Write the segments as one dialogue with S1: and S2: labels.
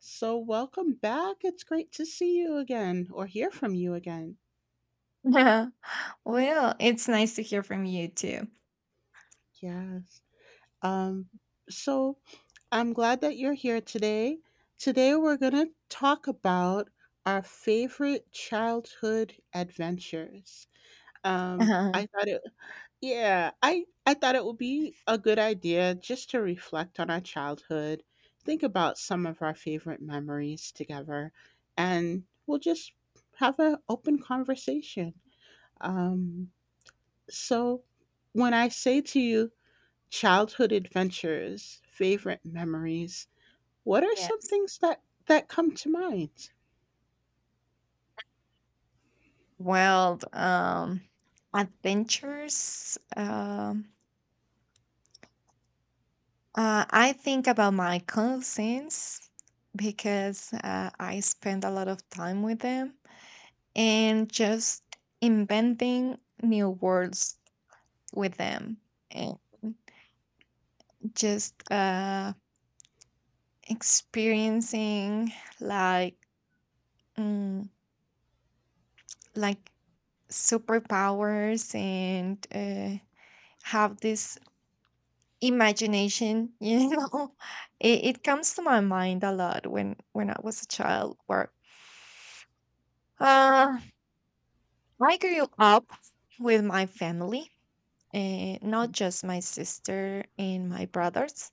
S1: So, welcome back. It's great to see you again or hear from you again.
S2: Yeah. Well, it's nice to hear from you too.
S1: Yes. Um so I'm glad that you're here today. Today we're going to talk about our favorite childhood adventures. Um
S2: Uh-huh.
S1: I thought it I thought it would be a good idea just to reflect on our childhood, think about some of our favorite memories together, and we'll just have an open conversation. Um, so when I say to you, childhood adventures, favorite memories, what are some
S2: Yes.
S1: things that come to mind?
S2: Well, um, adventures. I think about my cousins because I spend a lot of time with them and just inventing new worlds with them and just experiencing like mm, like superpowers and have this imagination It comes to my mind a lot when I was a child where uh, i grew up with my family, not just my sister and my brothers.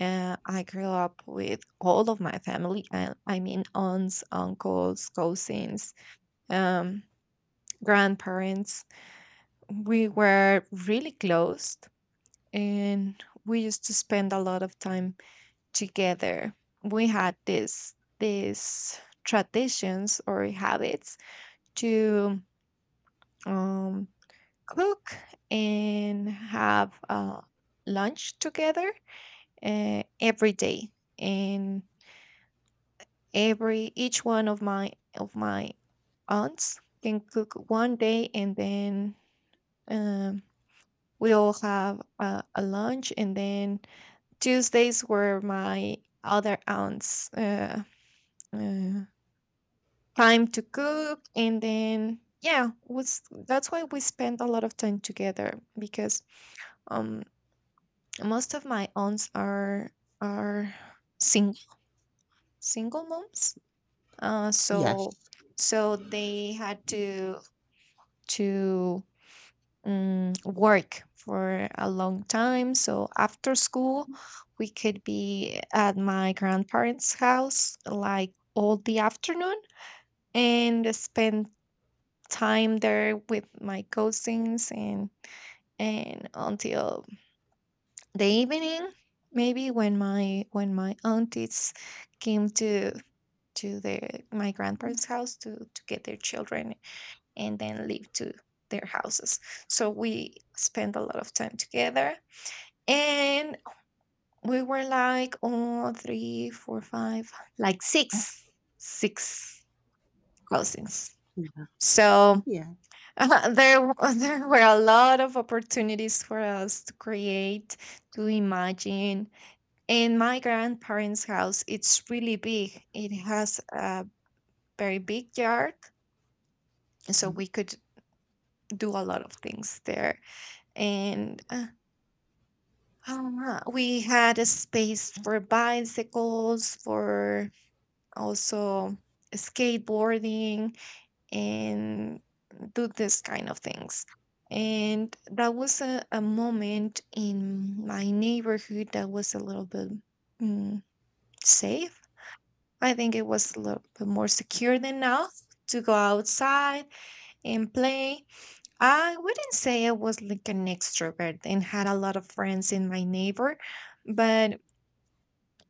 S2: I grew up with all of my family, I mean aunts, uncles, cousins, um, grandparents. We were really close and we used to spend a lot of time together. We had this these traditions or habits to, um, cook and have lunch together every day. And every each one of my aunts can cook one day, and then, um, we all have a lunch. And then Tuesdays were my other aunts uh, time to cook, and then yeah was that's why we spend a lot of time together, because um most of my aunts are sing, single moms. uh
S1: Yes.
S2: so so they had to work for a long time. So after school we could be at my grandparents' house like all the afternoon and spend time there with my cousins, and until the evening, maybe when my aunties came to the my grandparents' house to get their children and then leave to their houses. So we spent a lot of time together, and we were like, oh, three four five, like six, six cousins. So
S1: Yeah.
S2: There were a lot of opportunities for us to create, to imagine. And my grandparents' house, it's really big. It has a very big yard, so
S1: Mhm.
S2: we could do a lot of things there. And We had a space for bicycles, for also skateboarding, and do this kind of things. And that was a moment in my neighborhood that was a little bit mm, safe. I think it was a little bit more secure than now to go outside and play. I wouldn't say I was like an extrovert and had a lot of friends in my neighbor, but,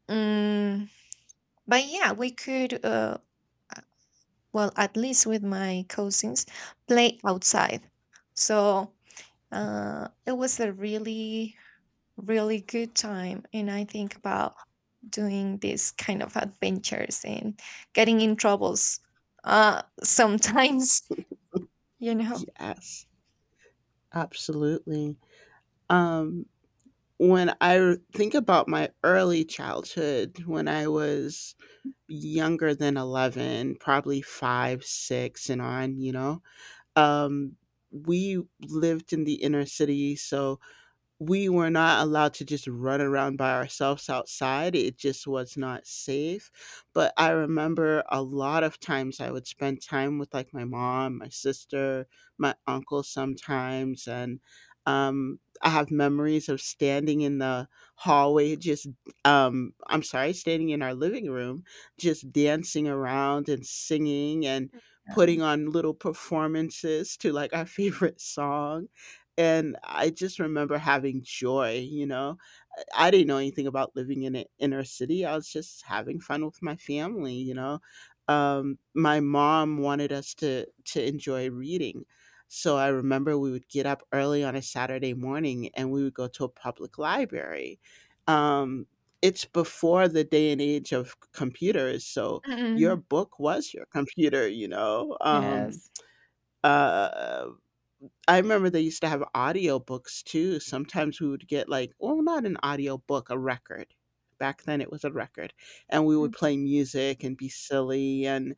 S2: um, but yeah, we could well, at least with my cousins, play outside. So, it was a really, really good time. And I think about doing these kind of adventures and getting in troubles, sometimes, you know?
S1: Yes. Absolutely. Um, when I think about my early childhood, when I was younger than 11, probably five, six, and on, um, we lived in the inner city. So we were not allowed to just run around by ourselves outside. It just was not safe. But I remember a lot of times I would spend time with like my mom, my sister, my uncle sometimes. And I have memories of standing in the hallway, just, I'm sorry, standing in our living room, just dancing around and singing and putting
S2: Um,
S1: on little performances to like our favorite songs, and I just remember having joy. I didn't know anything about living in an inner city. I was just having fun with my family. My mom wanted us to enjoy reading. So I remember we would get up early on a Saturday morning and we would go to a public library. Um, it's before the day and age of computers, so your
S2: Mm,
S1: book was your computer.
S2: Yes.
S1: Uh, I remember they used to have audiobooks too. Sometimes we would get like, well, not an audiobook, a record. Back then it was a record. And we would
S2: Mm.
S1: play music and be silly. And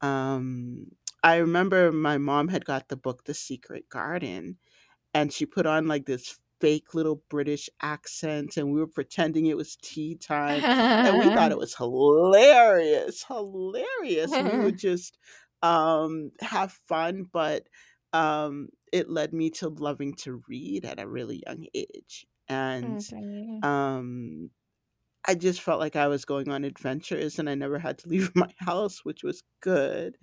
S1: um, I remember my mom had got the book The Secret Garden, and she put on like this fake little British accent, and we were pretending it was tea time, and we thought it was hilarious, hilarious. We would just have fun, but it led me to loving to read at a really young age, and
S2: Okay.
S1: um, I just felt like I was going on adventures, and I never had to leave my house, which was good.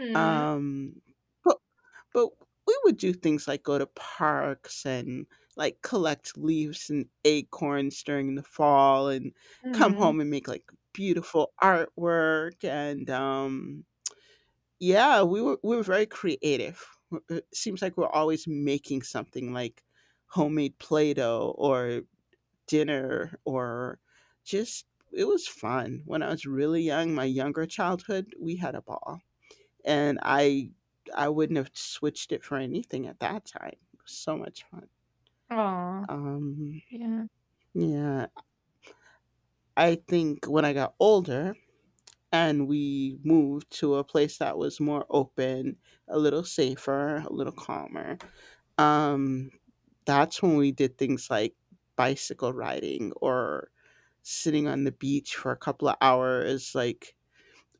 S2: Mm,
S1: Um, but we would do things like go to parks and like collect leaves and acorns during the fall and come
S2: mm.
S1: home and make like beautiful artwork, and yeah, we were very creative. It seems like we're always making something like homemade play-doh or dinner or just it was fun. When I was really young, my younger childhood, we had a ball, and I wouldn't have switched it for anything at that time. It was so much fun.
S2: Oh,
S1: Um,
S2: yeah.
S1: yeah, I think when I got older and we moved to a place that was more open, a little safer, a little calmer. Um, that's when we did things like bicycle riding or sitting on the beach for a couple of hours, like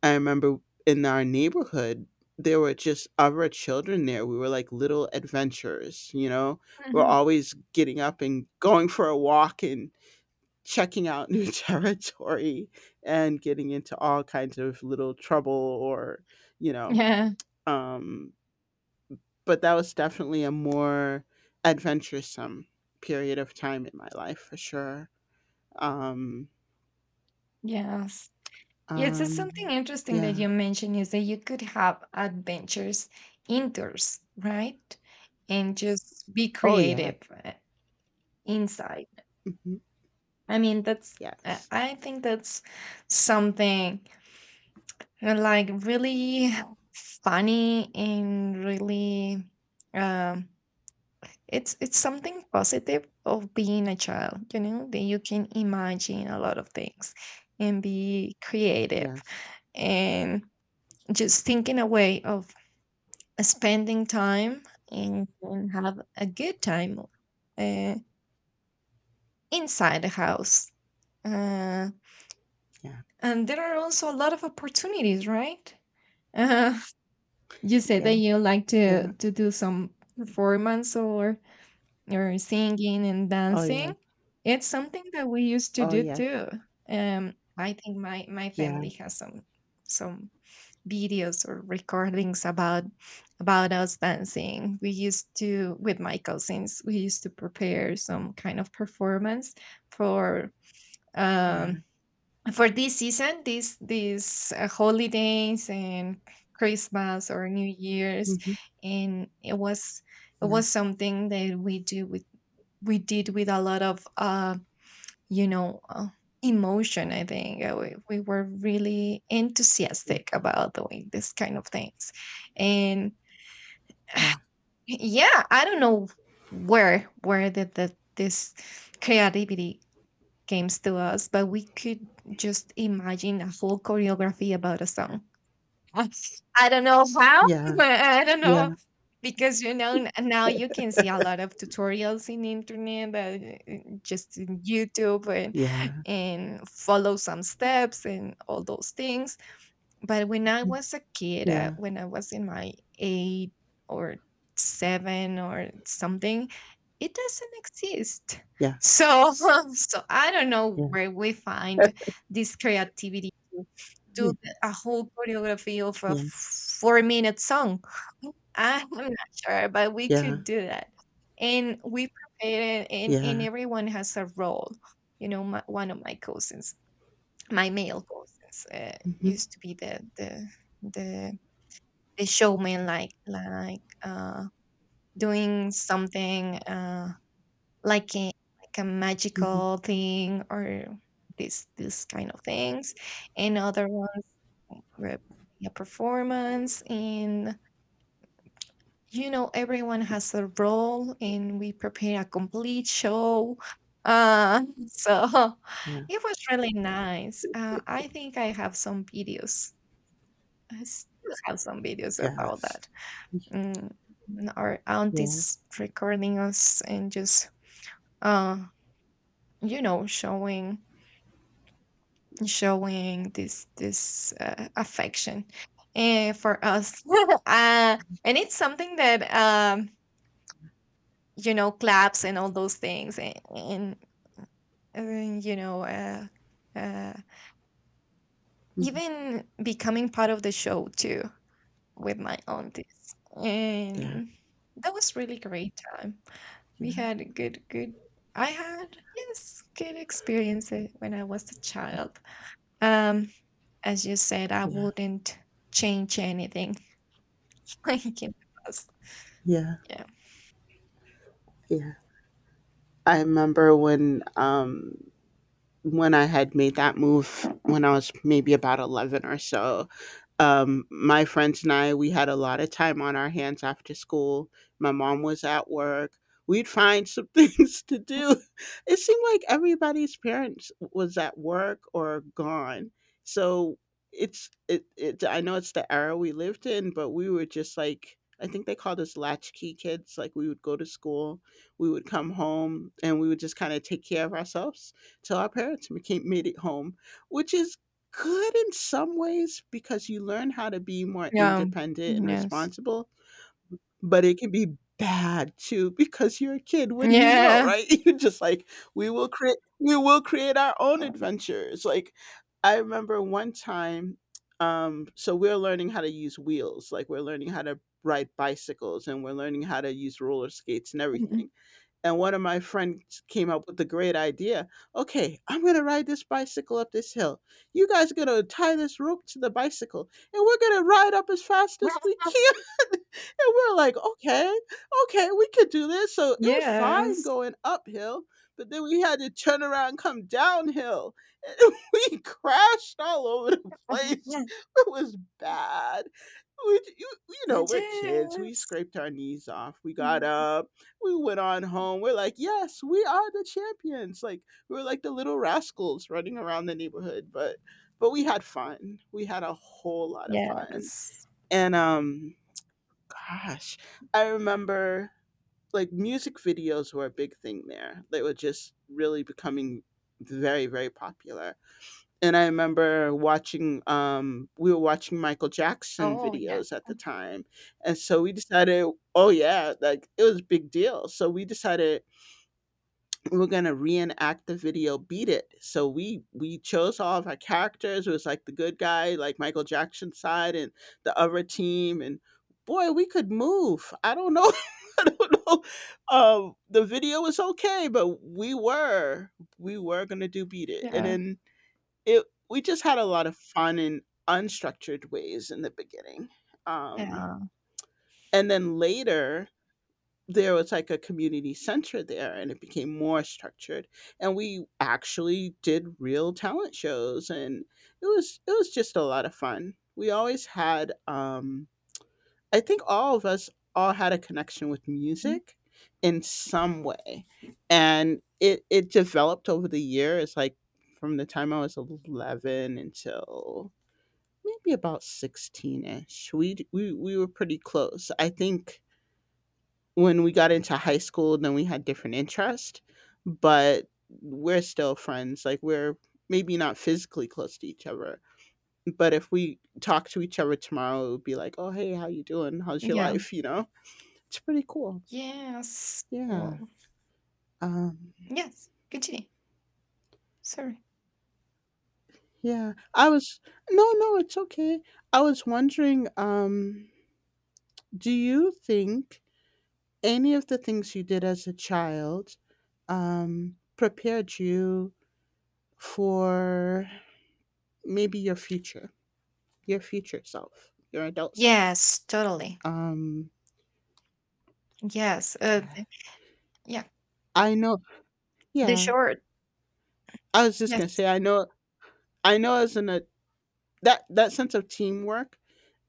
S1: I remember in our neighborhood, there were just other children there. We were like little adventurers, you know? We're
S2: Mhm.
S1: always getting up and going for a walk and checking out new territory and getting into all kinds of little trouble, you know,
S2: Yeah.
S1: um, but that was definitely a more adventuresome period of time in my life for sure. Um,
S2: Yes. Yes, it's something
S1: um,
S2: interesting that
S1: yeah.
S2: you mentioned is that you could have adventures indoors, right? And just be
S1: Oh, yeah.
S2: creative uh, inside.
S1: Hmm.
S2: I mean, that's,
S1: Yes.
S2: I think that's something like really funny and really, um, it's something positive of being a child, you know, that you can imagine a lot of things and be creative
S1: Yes.
S2: and just thinking away of spending time and have a good time, uh, inside the house. Uh,
S1: Yeah.
S2: and there are also a lot of opportunities, right? Uh, you said
S1: Yeah.
S2: that you like to
S1: Yeah.
S2: to do some performance or singing and
S1: Oh, yeah.
S2: dancing. It's something that we used to
S1: Oh,
S2: do
S1: yeah.
S2: too. I think my my
S1: Yeah.
S2: family has some videos or recordings about us dancing. We used to, with my cousins, we used to prepare some kind of performance for,
S1: Yeah.
S2: um for this season, these holidays, and Christmas or New Year's.
S1: Mhm.
S2: And it was, it
S1: Yeah.
S2: was something that we did with a lot of, you know, uh, emotion. I think we were really
S1: Yeah.
S2: enthusiastic about doing this kind of things, and yeah, I don't know where did the, this creativity comes to us, but we could just imagine a whole choreography about a song. Us, I don't know how.
S1: Yeah.
S2: I don't know,
S1: Yeah.
S2: because, you know, n now you can see a lot of tutorials in internet, just in YouTube,
S1: Yeah.
S2: and follow some steps and all those things. But when I
S1: Yeah. Mm.
S2: was a kid,
S1: Yeah.
S2: when I was in my eight or seven or something, it doesn't exist.
S1: Yes.
S2: So, so I don't know
S1: Yeah.
S2: where we find this creativity to do a whole choreography of a
S1: Yeah. Yeah.
S2: four-minute song. I'm not sure, but we
S1: Yeah.
S2: could do that. And we prepared. And
S1: Yeah.
S2: everyone has a role. You know, one of my cousins, my male cousins
S1: Mhm.
S2: used to be the the showman, like like doing something, like a, like a
S1: Mhm.
S2: magical thing, or this kind of things, and other ones were a performance. And you know, everyone has a role and we prepare a complete show. uh so
S1: Yeah.
S2: it was really nice. I think I have some videos, I still have some videos about
S1: Yes.
S2: that. Mm, our
S1: Yeah.
S2: aunties recording us and just, uh you know, showing this this affection, for us. uh, and it's something that, you know, claps and all those things, and you know, uh,
S1: Mhm.
S2: even becoming part of the show too, with my aunties.
S1: Yeah.
S2: And that was really great time.
S1: Yeah.
S2: We had a good good, I had, yes, good experiences when I was a child. Um, as you said, I
S1: Yeah.
S2: wouldn't change anything like in the past.
S1: Yeah.
S2: Yeah.
S1: Yeah. I remember when I had made that move when I was maybe about 11 or so. My friends and I, we had a lot of time on our hands after school. My mom was at work. We'd find some things to do. It seemed like everybody's parents was at work or gone. So it's it, it I know it's the era we lived in, but we were just like I think they called us latchkey kids. Like we would go to school, we would come home, and we would just kind of take care of ourselves till our parents became made it home, which is good in some ways because you learn how to be more
S2: Yeah.
S1: independent and
S2: Yes.
S1: responsible, but it can be bad too because you're a kid, what do you know,
S2: Yeah.
S1: right? You're just like, " We will create our own adventures." Like, I remember one time, so we're learning how to use wheels, like, we're learning how to ride bicycles, and we're learning how to use roller skates and
S2: Mhm.
S1: everything. And one of my friends came up with the great idea. Okay, I'm going to ride this bicycle up this hill. You guys are going to tie this rope to the bicycle and we're going to ride up as fast as we can. And we're like, okay, okay, we could do this. So it was fine
S2: Yes.
S1: going uphill, but then we had to turn around and come downhill. And we crashed all over the
S2: Mhm.
S1: place.
S2: Yeah.
S1: It was bad. We, you know, We're kids. We
S2: Yes.
S1: scraped our knees off. We got
S2: Mhm.
S1: up. We went on home. We're like, yes, we are the champions. Like we were like the little rascals running around the neighborhood, but we had fun. We had a whole lot of fun.
S2: Yes.
S1: And gosh, I remember like music videos were a big thing there. They were just really becoming very very popular, and I remember watching we were watching Michael Jackson
S2: Oh, yeah.
S1: videos at the time. And so we decided, oh yeah, like it was a big deal. So we decided we were gonna reenact the video Beat It. So we chose all of our characters. It was like the good guy, like Michael Jackson side and the other team, and boy, we could move. I don't know. I don't know. The video was okay, but we were gonna do Beat It, and
S2: Yeah.
S1: then it we just had a lot of fun in unstructured ways in the beginning, um,
S2: Yeah.
S1: and then later there was, like, a community center there, and it became more structured, and we actually did real talent shows, and it was just a lot of fun. We always had, I think all of us all had a connection with
S2: Mm,
S1: music in some way, and it developed over the years, like, from the time I was 11 until maybe about 16-ish. We were pretty close. I think when we got into high school, then we had different interest, but we're still friends, like, we're maybe not physically close to each other, but if we talk to each other tomorrow, it would be like, "Oh, hey, how you doing? How's your
S2: Yeah.
S1: life?" You know? It's pretty cool.
S2: Yes.
S1: Yeah.
S2: Well,
S1: Um,
S2: yes. Continue. Sorry.
S1: yeah. I was No, no, it's okay. I was wondering, do you think any of the things you did as a child prepared you for maybe your future self, your adult self.
S2: Yes, totally.
S1: Um,
S2: Yes, uh,
S1: yeah,
S2: the yeah,
S1: I know.
S2: the
S1: Yeah,
S2: short
S1: I was just
S2: yes.
S1: gonna say, I know. I know as an a that that sense of teamwork,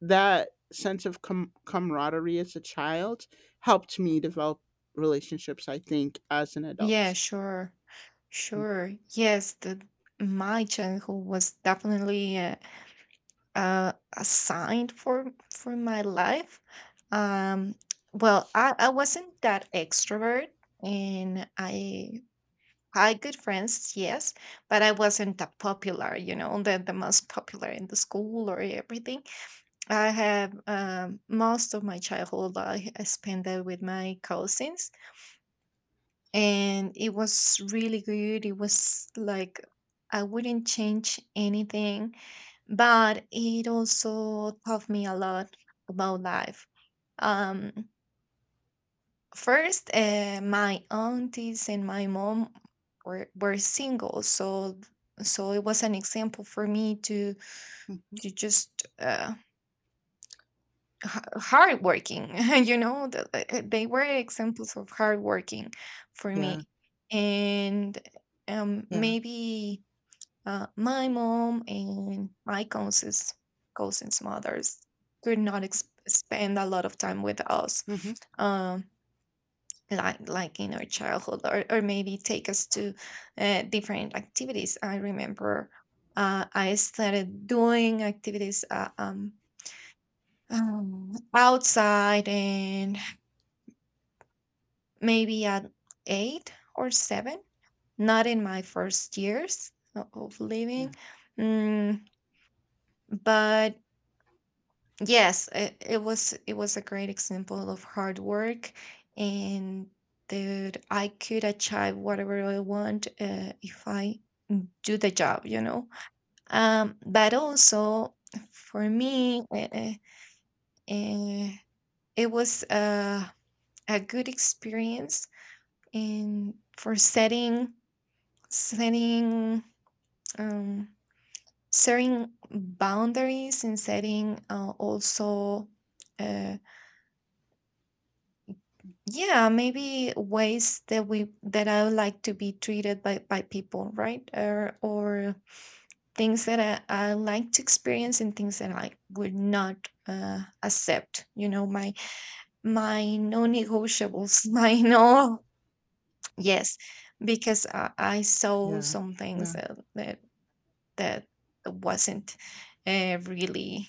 S1: that sense of camaraderie as a child helped me develop relationships. I think as an
S2: Yeah,
S1: adult.
S2: sure. Sure. Yes, the my childhood was definitely a sign for my life. Um, well, I wasn't that extrovert, and I had good friends, yes, but I wasn't that popular, you know, the most popular in the school or everything. I have, most of my childhood I spent it with my cousins, and it was really good. It was like I wouldn't change anything, but it also taught me a lot about life. Um, first, my aunties and my mom were single, so so it was an example for me to
S1: Mhm.
S2: to just, hardworking. You know, they were examples of hardworking for
S1: Yeah.
S2: me. And,
S1: Yeah.
S2: maybe my mom and my cousins, cousins' mothers could not spend a lot of time with us.
S1: Hmm.
S2: Um, like in our childhood, or maybe take us to different activities. I remember I started doing activities, outside, and maybe at eight or seven, not in my first years of living.
S1: Yeah.
S2: Mm, but yes, it was, it was a great example of hard work, and that I could achieve whatever I want, if I do the job, you know. But also for me, uh, it was a good experience, and for setting, setting um, setting boundaries, and setting, also, uh, yeah, maybe ways that we that I would like to be treated by people, right? Or things that I like to experience, and things that I would not, accept, you know, my non-negotiables. My no, yes, because I saw
S1: Yeah.
S2: some things
S1: Yeah.
S2: that, that that wasn't, really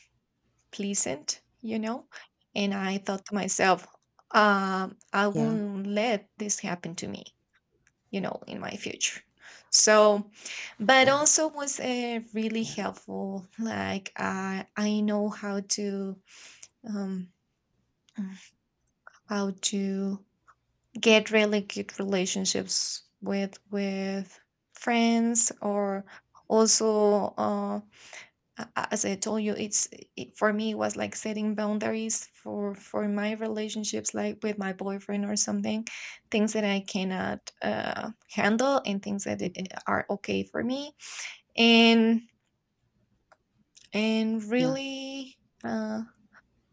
S2: pleasant, you know? And I thought to myself, I
S1: Yeah.
S2: won't let this happen to me, you know, in my future. So, but
S1: Yeah.
S2: also was really
S1: Yeah.
S2: helpful. Like I know um, how to get really good relationships with friends, or also as I told you, it, for me it was like setting boundaries for my relationships, like with my boyfriend or something, things that I cannot handle, and things that
S1: Mm-hmm.
S2: are okay for me. And and
S1: Yeah.
S2: really, uh,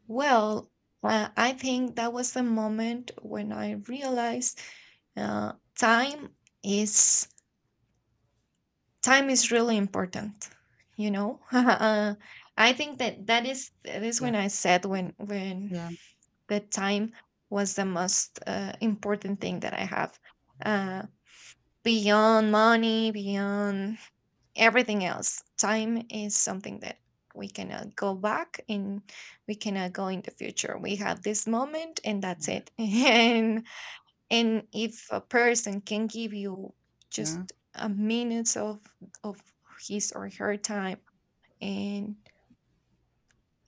S2: well, I think that was the moment when I realized uh, time is time is really important, you know? I think that is
S1: Yeah.
S2: when I said when
S1: Yeah.
S2: the time was the most important thing that I have, uh, beyond money, beyond everything else. Time is something that we cannot go back, and we cannot go in the future. We have this moment, and that's
S1: Yeah.
S2: it. And if a person can give you
S1: Yeah.
S2: just a minute of of his or her time, and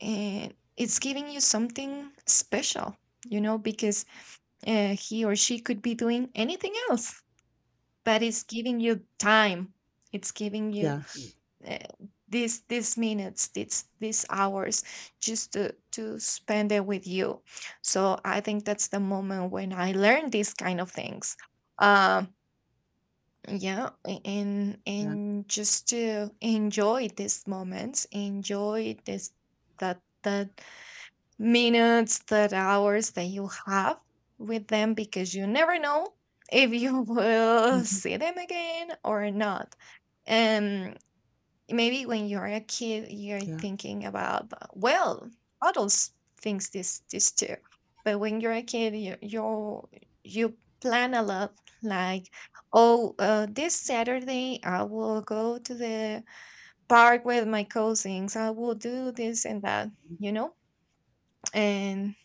S2: and it's giving you something special, you know, because he or she could be doing anything else, but it's giving you time, it's giving you
S1: Yes.
S2: uh, these minutes, these hours, just to spend it with you. So I think that's the moment when I learned these kind of things. um yeah, a- and
S1: Yeah.
S2: and just to enjoy these moments, enjoy this that that minutes, that hours that you have with them, because you never know if you will
S1: Mm-hmm.
S2: see them again or not. Maybe when you're a kid you're
S1: Yeah.
S2: thinking about adults thinks this too. But when you're a kid, you plan a lot, like, oh, this Saturday I will go to the park with my cousins, I will do this and that, you know. and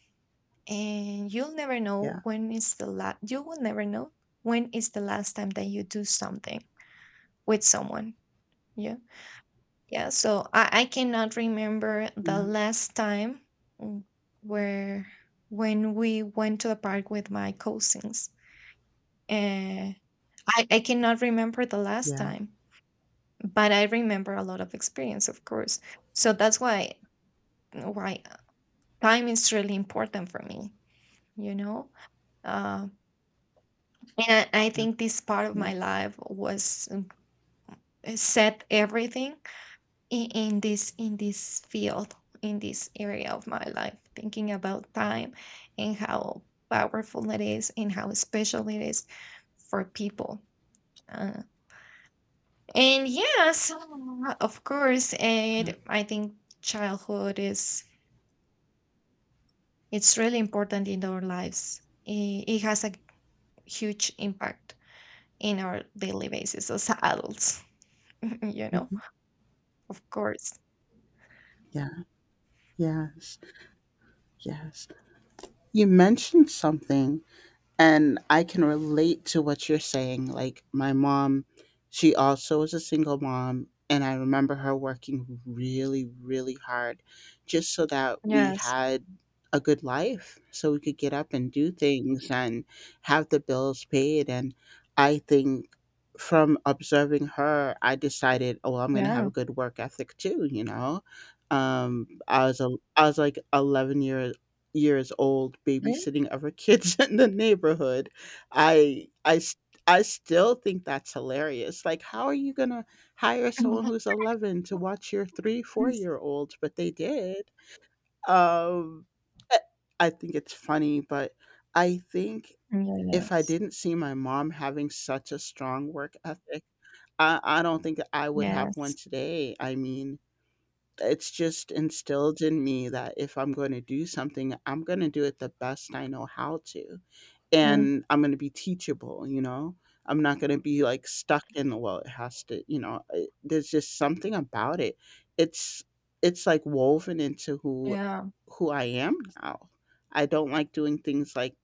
S2: and you'll never know
S1: Yeah.
S2: when is the last you will never know when is the last time that you do something with someone. Yeah. Yeah, so I cannot remember the
S1: Yeah.
S2: last time w- where when we went to the park with my cousins. Uh, I cannot remember the last
S1: Yeah.
S2: time, but I remember a lot of experience, of course. So that's why time is really important for me, you know? Uh, and I
S1: Yeah.
S2: think this part of
S1: Yeah.
S2: my life was set everything in this field, in this area of my life, thinking about time and how powerful it is and how special it is for people. uh, and yes, of course.
S1: Yeah.
S2: And I think childhood is, it's really important in our lives. It has a huge impact in our daily basis as adults. You know.
S1: Mm-hmm.
S2: Of course.
S1: Yeah. Yes. Yes. You mentioned something and I can relate to what you're saying. Like my mom, she also was a single mom, and I remember her working really, really hard just so that we
S2: Yes.
S1: had a good life, so we could get up and do things and have the bills paid. And I think from observing her, I decided, oh, I'm going to have a
S2: Yeah.
S1: good work ethic too, you know. Um, I was a, I was like 11 years years old babysitting other kids in the neighborhood. I I s- I still think that's hilarious. Like how are you going to hire someone who's 11 to watch your 3 4
S2: Yes.
S1: year olds? But they did. Um I I think it's funny, but I think if I
S2: Yes.
S1: didn't see my mom having such a strong work ethic, I don't think I would have one
S2: Yes.
S1: today. I mean, it's just instilled in me that if I'm gonna do something, I'm gonna do it the best I know how to,
S2: Mm,
S1: and I'm gonna be teachable, you know? I'm not gonna be, like, stuck in, "Well, it has to" you know? I There's just something about it. It's it's, like, woven into who
S2: yeah.
S1: who I am now. I don't like doing things, like,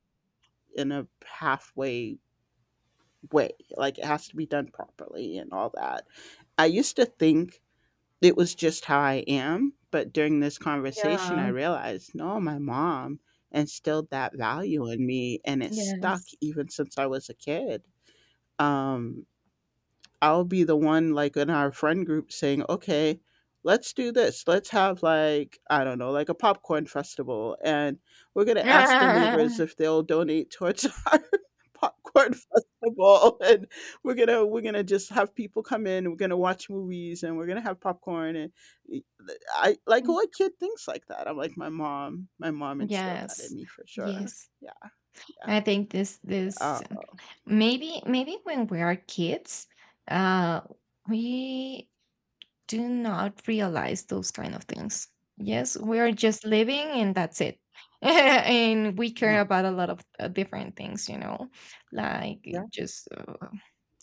S1: in a halfway way, like, it has to be done properly and all that. I used to think it was just how I am, but during this conversation,
S2: Yeah.
S1: I realized, no, my mom instilled that value in me, and it stuck
S2: Yes.
S1: even since I was a kid. Um, I'll be the one, like, in our friend group saying, okay, let's do this. Let's have, like, I don't know, like, a popcorn festival. And we're going to ask the neighbors
S2: Ah.
S1: if they'll donate towards our popcorn festival. And we're going to just have people come in. We're going to watch movies and we're going to have popcorn. And I, like,
S2: Mm.
S1: what kid thinks like that? I'm like my mom. My mom instilled that in
S2: Yes.
S1: me for sure.
S2: Yes.
S1: Yeah, yeah.
S2: I think this
S1: Uh,
S2: this maybe when we are kids, uh we do not realize those kind of things. Yes, we are just living and that's it. And we care
S1: no.
S2: about a lot of different things, you know, like
S1: Yeah,
S2: just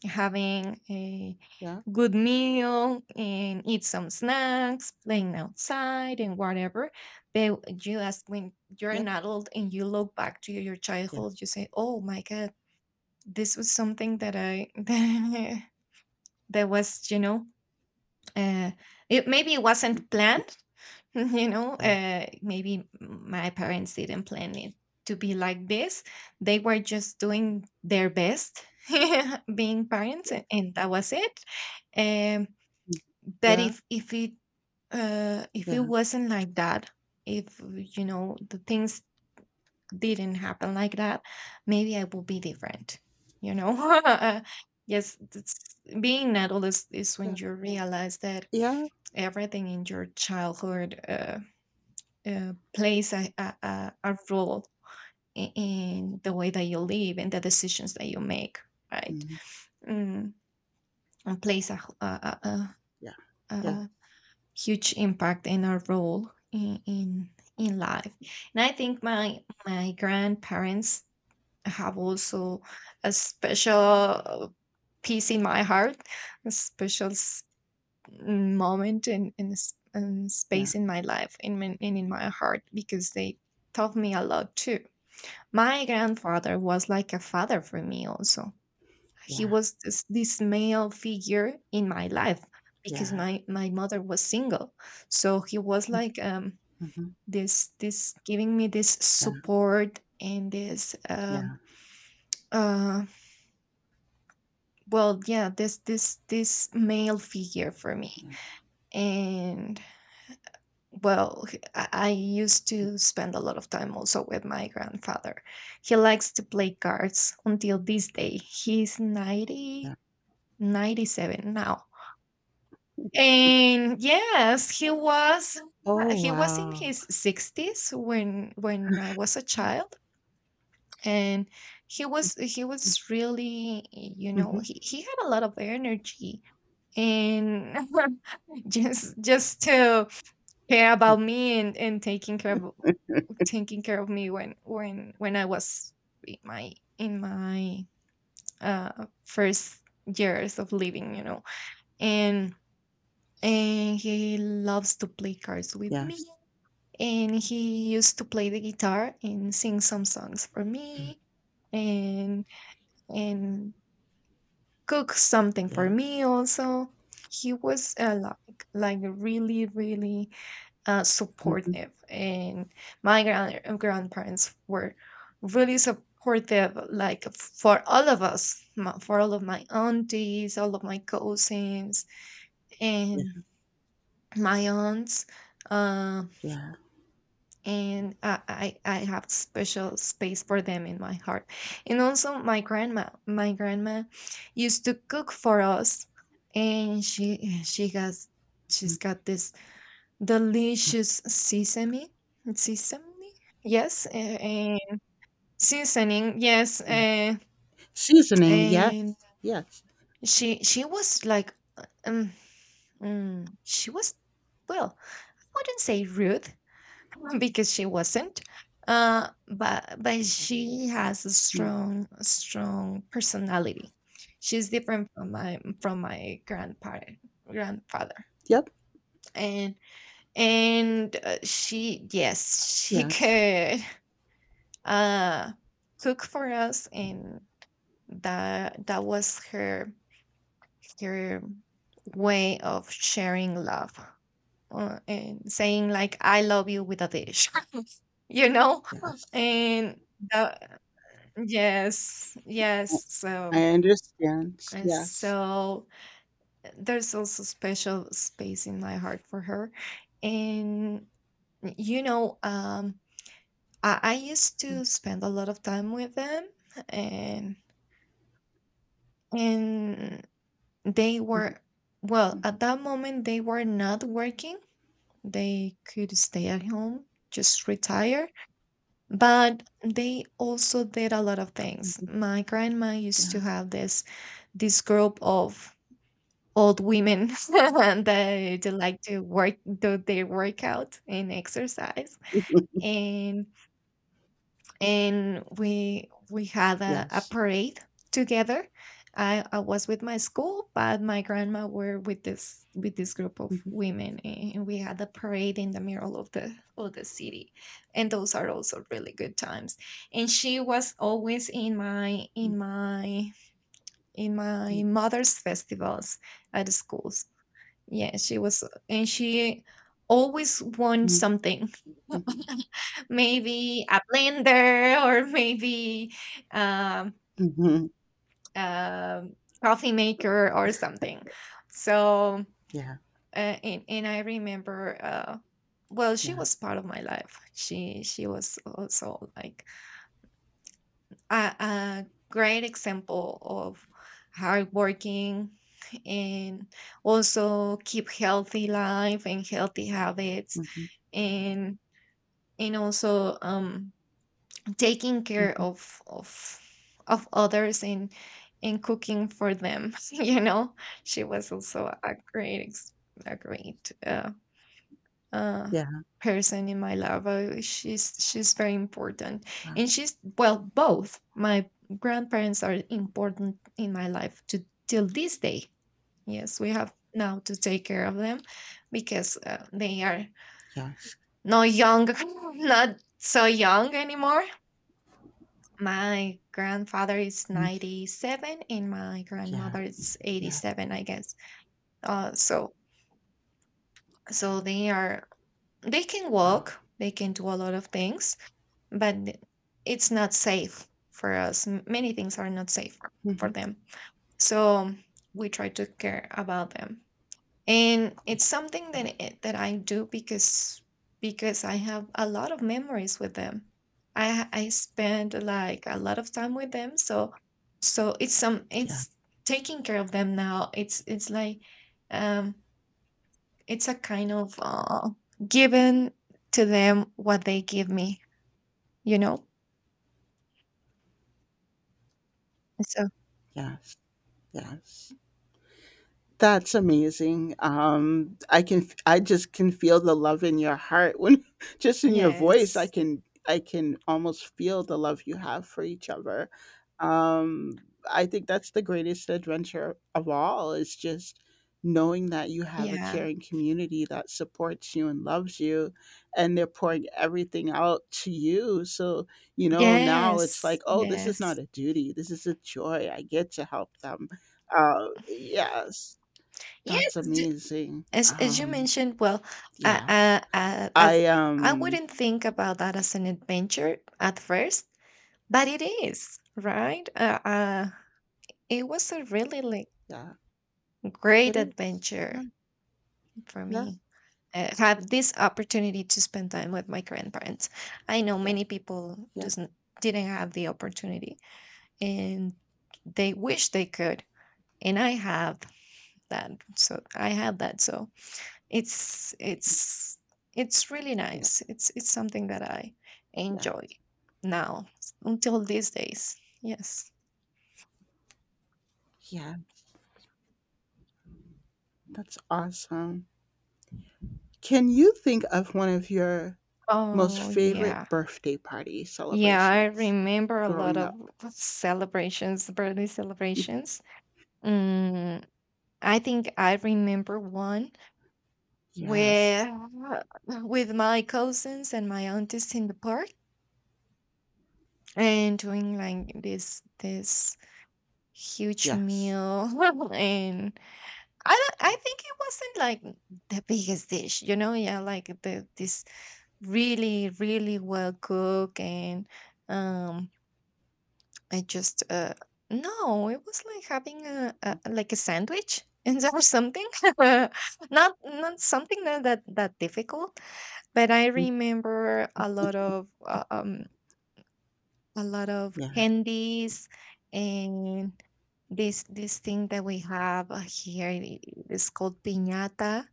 S2: having a
S1: yeah,
S2: good meal and eat some snacks, playing outside and whatever. But you ask when you're
S1: yeah,
S2: an adult and you look back to your
S1: yeah,
S2: childhood, you say, "Oh my God, this was something that I that was, you know, uh, it maybe it wasn't planned. You know, maybe my parents didn't plan it to be like this. They were just doing their best," being parents, and that was it. um
S1: mm,
S2: but
S1: yeah,
S2: if it
S1: yeah,
S2: wasn't like that, if you know the things didn't happen like that, maybe I would be different, you know. Yes, it's, being an adult is, when you realize
S1: mm,
S2: that
S1: yeah,
S2: everything in your childhood plays a role in the way that you live and the decisions that you make, right? mm, and plays a, h- a,
S1: yeah,
S2: a huge impact and a role in life. And I think my grandparents have also a special piece in my heart, a special moment and
S1: yeah,
S2: space in my life, and in my heart, because they taught me a lot too. My grandfather was like a father for me also.
S1: yeah, mhm, yeah,
S2: He
S1: yeah, yeah,
S2: was this male figure in my life,
S1: yeah,
S2: because
S1: yeah,
S2: my mother was single. So he was
S1: mm,
S2: like,
S1: mhm,
S2: this this giving me this
S1: yeah,
S2: support and this,
S1: yeah,
S2: uh, this male figure for me.
S1: yeah,
S2: And I used to spend a lot of time also with my grandfather. He likes to play cards. Until this day he's
S1: yeah.
S2: 97 now. And yes, he was
S1: Oh,
S2: in
S1: wow.
S2: his 60s when I was a child. And he was really, you know,
S1: Mm-hmm.
S2: he had a lot of energy. And just to care
S1: Yeah,
S2: about me, and taking care of me when I was in my in my first years of living, you know. and and he loves to play cards with me.
S1: yes.
S2: And he used to play the guitar and sing some songs for me, and and cook something for
S1: Yeah.
S2: me also. He was like really
S1: Mm-hmm.
S2: supportive, and my grandparents were really supportive, like for all of us, for all of my aunties, all of my cousins, and
S1: Yeah.
S2: my aunts. Uh,
S1: Yeah.
S2: and I have special space for them in my heart. And also my grandma used to cook for us, and
S1: Mm,
S2: she's got this delicious sesame sesame yes uh, uh, seasoning. Yes.
S1: yeah. Seasoning.
S2: And
S1: Yes. Yes.
S2: she was like, um, she was, well, I wouldn't say rude because she wasn't. But she has a
S1: Mm.
S2: strong personality. She's different from my grandparent grandfather.
S1: Yep.
S2: And and uh, she, she
S1: Yes.
S2: could uh cook for us, and that was her way of sharing love, and saying like, "I love you" with a dish. You know.
S1: Yes.
S2: And that, yes, yes. So,
S1: I understand.
S2: and
S1: Yes.
S2: so there's also special space in my heart for her. And you know, I used to spend a lot of time with them, and and they
S1: Mhm,
S2: were, well, at
S1: mhm,
S2: that moment they were not working. They could stay at home, just retire, but they also did a lot of things.
S1: mhm.
S2: My grandma used to
S1: Yeah.
S2: have this group of old women that they like to work do their workout and exercise. And and we had a
S1: Yes.
S2: parade together. I was with my school, but my grandma were with this group of
S1: Mhm,
S2: women, and we had a parade in the middle of the city. And those are also really good times. And she was always in my in my in
S1: mhm,
S2: my mother's festivals at the schools. Yeah, she was. And she always won
S1: mhm,
S2: something.
S1: mhm,
S2: Maybe a blender, or maybe um
S1: mhm.
S2: a coffee maker or something. So,
S1: Yeah.
S2: and I remember, she
S1: Yeah.
S2: was part of my life. She was also like a great example of hardworking, and also keep healthy life and healthy habits,
S1: Mhm,
S2: and and also taking care
S1: mhm.
S2: of others, and cooking for them. You know, she was also a a great uh,
S1: Yeah.
S2: person in my life. She's very important,
S1: Wow.
S2: and she's, well, both my grandparents are important in my life to till this day. Yes, we have now to take care of them, because they are
S1: Yes.
S2: not young, not so young anymore. My grandfather is
S1: Mhm.
S2: 97 and my
S1: Yeah.
S2: grandmother is
S1: Yeah.
S2: 87, I guess. Uh, so so they can
S1: Wow.
S2: walk, they can do a lot of things, but it's not safe for us. Many things are not safe for
S1: Mhm.
S2: them. So we try to care about them. And it's something that
S1: Yeah.
S2: that I do, because I have a lot of memories with them. I spend like a lot of time with them, so
S1: Yeah.
S2: it's taking care of them now. It's like um it's a kind of given to them what they give me, you know. So.
S1: Yes. Yes. That's amazing. I can I just can feel the love in your heart when, just in your voice, I
S2: Yes,
S1: can almost feel the love you have for each other. Um, I think that's the greatest adventure of all, is just knowing that you have a
S2: yeah,
S1: caring community that supports you and loves you, and they're pouring everything out to you. So, you know, now it's
S2: yes,
S1: like, oh, this is
S2: yes.
S1: not a duty. This is a joy. I get to help them. Yes,
S2: Yes,
S1: that's amazing.
S2: as you mentioned, well, I,
S1: Yeah.
S2: I, I, I've-
S1: I
S2: I wouldn't think about that as an adventure at first, but it is, right? It was a really, like,
S1: yeah,
S2: great
S1: it is. Yeah,
S2: adventure for
S1: yeah,
S2: me. Have this opportunity to spend time with my grandparents. I know
S1: yeah,
S2: many people
S1: yeah,
S2: just didn't have the opportunity, and they wish they could, and I have that. So I had that. So It's it's it's really
S1: yeah,
S2: nice. It's something that I
S1: yeah.
S2: enjoy now until these days. Yes.
S1: Yeah, that's awesome. Can you think of one of your most
S2: Oh yeah.
S1: favorite birthday party
S2: Yeah, I
S1: celebrations
S2: remember a lot
S1: growing
S2: of
S1: up?
S2: celebrations, birthday celebrations. Mm, I think I remember one
S1: Yes.
S2: where with my cousins and my aunties in the park, and doing like this huge
S1: Yes.
S2: meal, and I don't, I think it wasn't like the biggest dish, you know, yeah, like the this really, really well cooked, and um I just, no, it was like having a, like, a sandwich and that was something, not something that difficult. But I
S1: Mm,
S2: remember a lot of
S1: yeah.
S2: candies, and this thing that we have here, it's called piñata,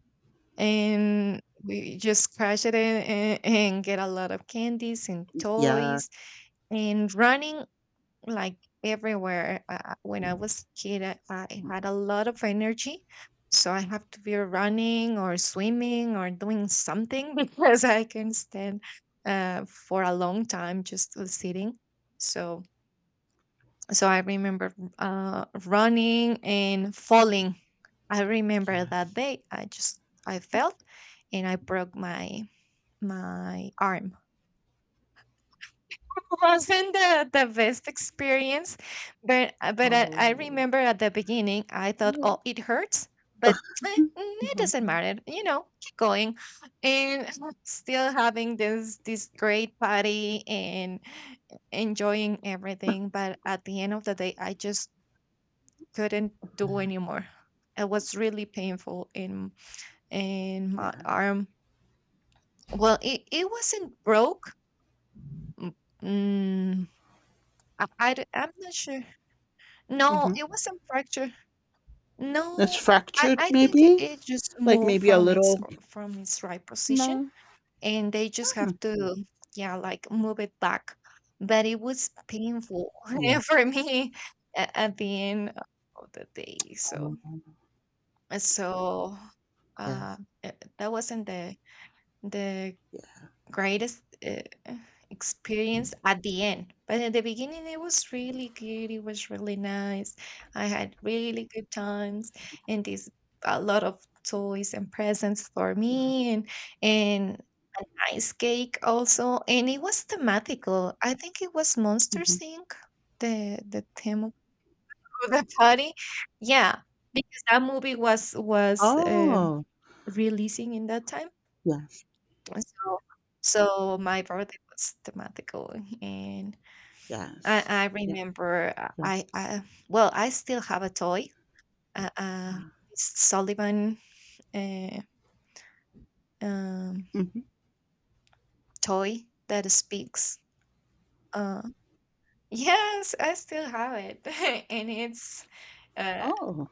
S2: and we just crash it in, and get a lot of candies and
S1: Yeah.
S2: toys and running, like, everywhere. When I was a kid, I had a lot of energy, so I have to be running or swimming or doing something because I can stand for a long time just sitting. So, so, I remember running and falling. I remember that
S1: Yes.
S2: day I just, I fell, and I broke my arm. Wasn't the best experience, but I
S1: Oh.
S2: remember at the beginning I thought,
S1: Yeah.
S2: oh, it hurts, but it
S1: Mhm.
S2: doesn't
S1: No.
S2: matter, you know, keep going, and still having this great party and enjoying everything. But at the end of the day, I just couldn't do anymore. It was really painful. And my
S1: Yeah.
S2: arm, well, it wasn't broke. mm, mm, I'm not sure, no,
S1: Hmm.
S2: it wasn't fracture.
S1: It's
S2: No, i
S1: fractured,
S2: i think
S1: maybe?
S2: it just
S1: Like
S2: moved
S1: maybe a
S2: from
S1: little.
S2: from its right position,
S1: No.
S2: and they just have
S1: Mm.
S2: to, mm, yeah, like move it back. But it was painful
S1: Yeah.
S2: for me at the end of the day. so
S1: Oh,
S2: so
S1: yeah,
S2: uh, uh, that wasn't the
S1: yeah.
S2: greatest experience at the end. But at the beginning, it was really good. It was really nice. I had really good times, and this, a lot of toys and presents for
S1: Yeah.
S2: me, and ice cake also. And it was thematical. I think it was
S1: Mhm.
S2: Monsters Inc., the theme of the party. Yeah, because that movie was
S1: Oh,
S2: releasing in that time,
S1: yes,
S2: so so my birthday was thematical. And I
S1: yes.
S2: I
S1: Yeah,
S2: remember,
S1: yeah.
S2: I still have a toy, uh, uh,
S1: Wow.
S2: this Sullivan, uh, um,
S1: Mhm.
S2: toy that speaks. Uh, yes, I still have it, and uh,
S1: Oh,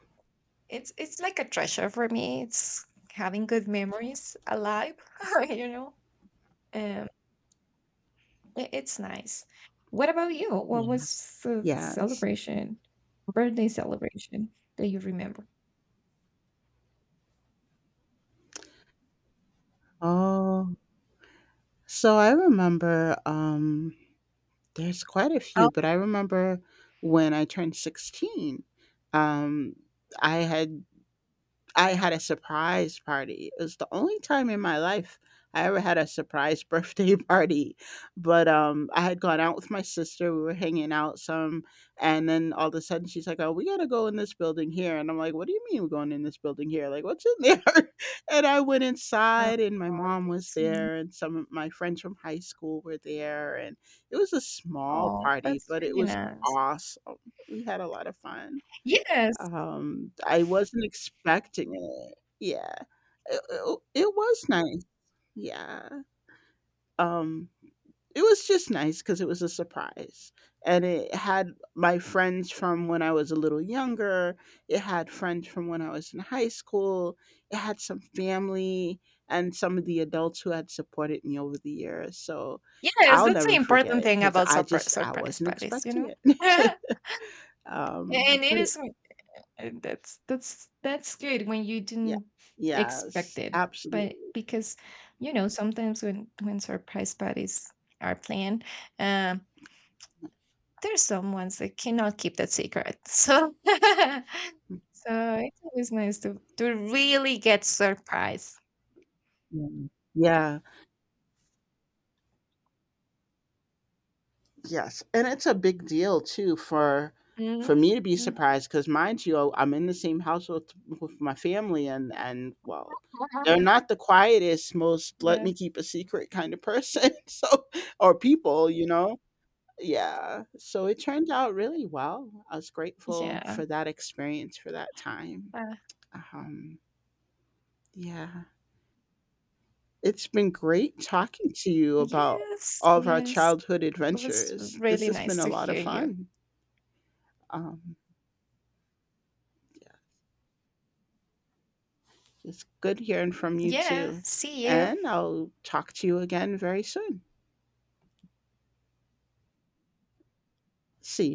S2: it's like a treasure for me. It's having good memories alive, you know. Um, I It's nice. What about you? What
S1: yeah,
S2: was the
S1: yes.
S2: celebration birthday celebration that you remember?
S1: Oh, so I remember, there's quite a
S2: Oh.
S1: few, but I remember when I turned 16, um, I had I had a surprise party. It was the only time in my life I ever had a surprise birthday party. But I had gone out with my sister, we were hanging out some, and then all of a sudden she's like, "Oh, we got to go in this building here." And I'm like, "What do you mean we're going in this building here? Like, what's in there?" And I went
S2: Oh.
S1: inside, and my mom was
S2: That's mm,
S1: there, and some of my friends from high school were there, and it was a small party,
S2: that's
S1: but it
S2: really
S1: was
S2: nice.
S1: awesome. We had a lot of fun.
S2: Yes.
S1: I wasn't expecting it. Yeah. It was nice. Yeah. Um, it was just nice because it was a surprise. And it had my friends from when I was a little younger. It had friends from when I was in high school. It had some family and some of the adults who had supported me over the years. So
S2: Yes,
S1: I'll
S2: that's the
S1: never forget
S2: important
S1: it
S2: thing
S1: because
S2: about
S1: I just, I
S2: surprise
S1: wasn't
S2: parties, you know?
S1: expecting it. Um,
S2: And it
S1: but
S2: is w that's good when you
S1: yeah,
S2: didn't expect
S1: yes,
S2: it, but
S1: absolutely.
S2: because, you know, sometimes when surprise parties are planned, um there's some ones that cannot keep that secret. So so it's always nice to really get surprised.
S1: Mm, yeah. Yes, and it's a big deal too for
S2: Mhm.
S1: me to be
S2: Mhm.
S1: surprised, because mind you, oh, I'm in the same house with my family and well, they're not the quietest, most let me
S2: Yes.
S1: keep a secret kind of person. So, or people, you know. Yeah. So it turned out really well. I was grateful
S2: Yeah.
S1: for that experience, for that time.
S2: Uh,
S1: Um yeah. It's been great talking to you about
S2: yes.
S1: all of our
S2: Yes.
S1: childhood
S2: It was
S1: adventures. This
S2: really
S1: has been
S2: nice
S1: a
S2: to
S1: lot
S2: hear
S1: of
S2: you.
S1: fun. Um, yeah, it's good hearing from you
S2: Yeah.
S1: too.
S2: See you.
S1: And I'll talk to you again very soon. See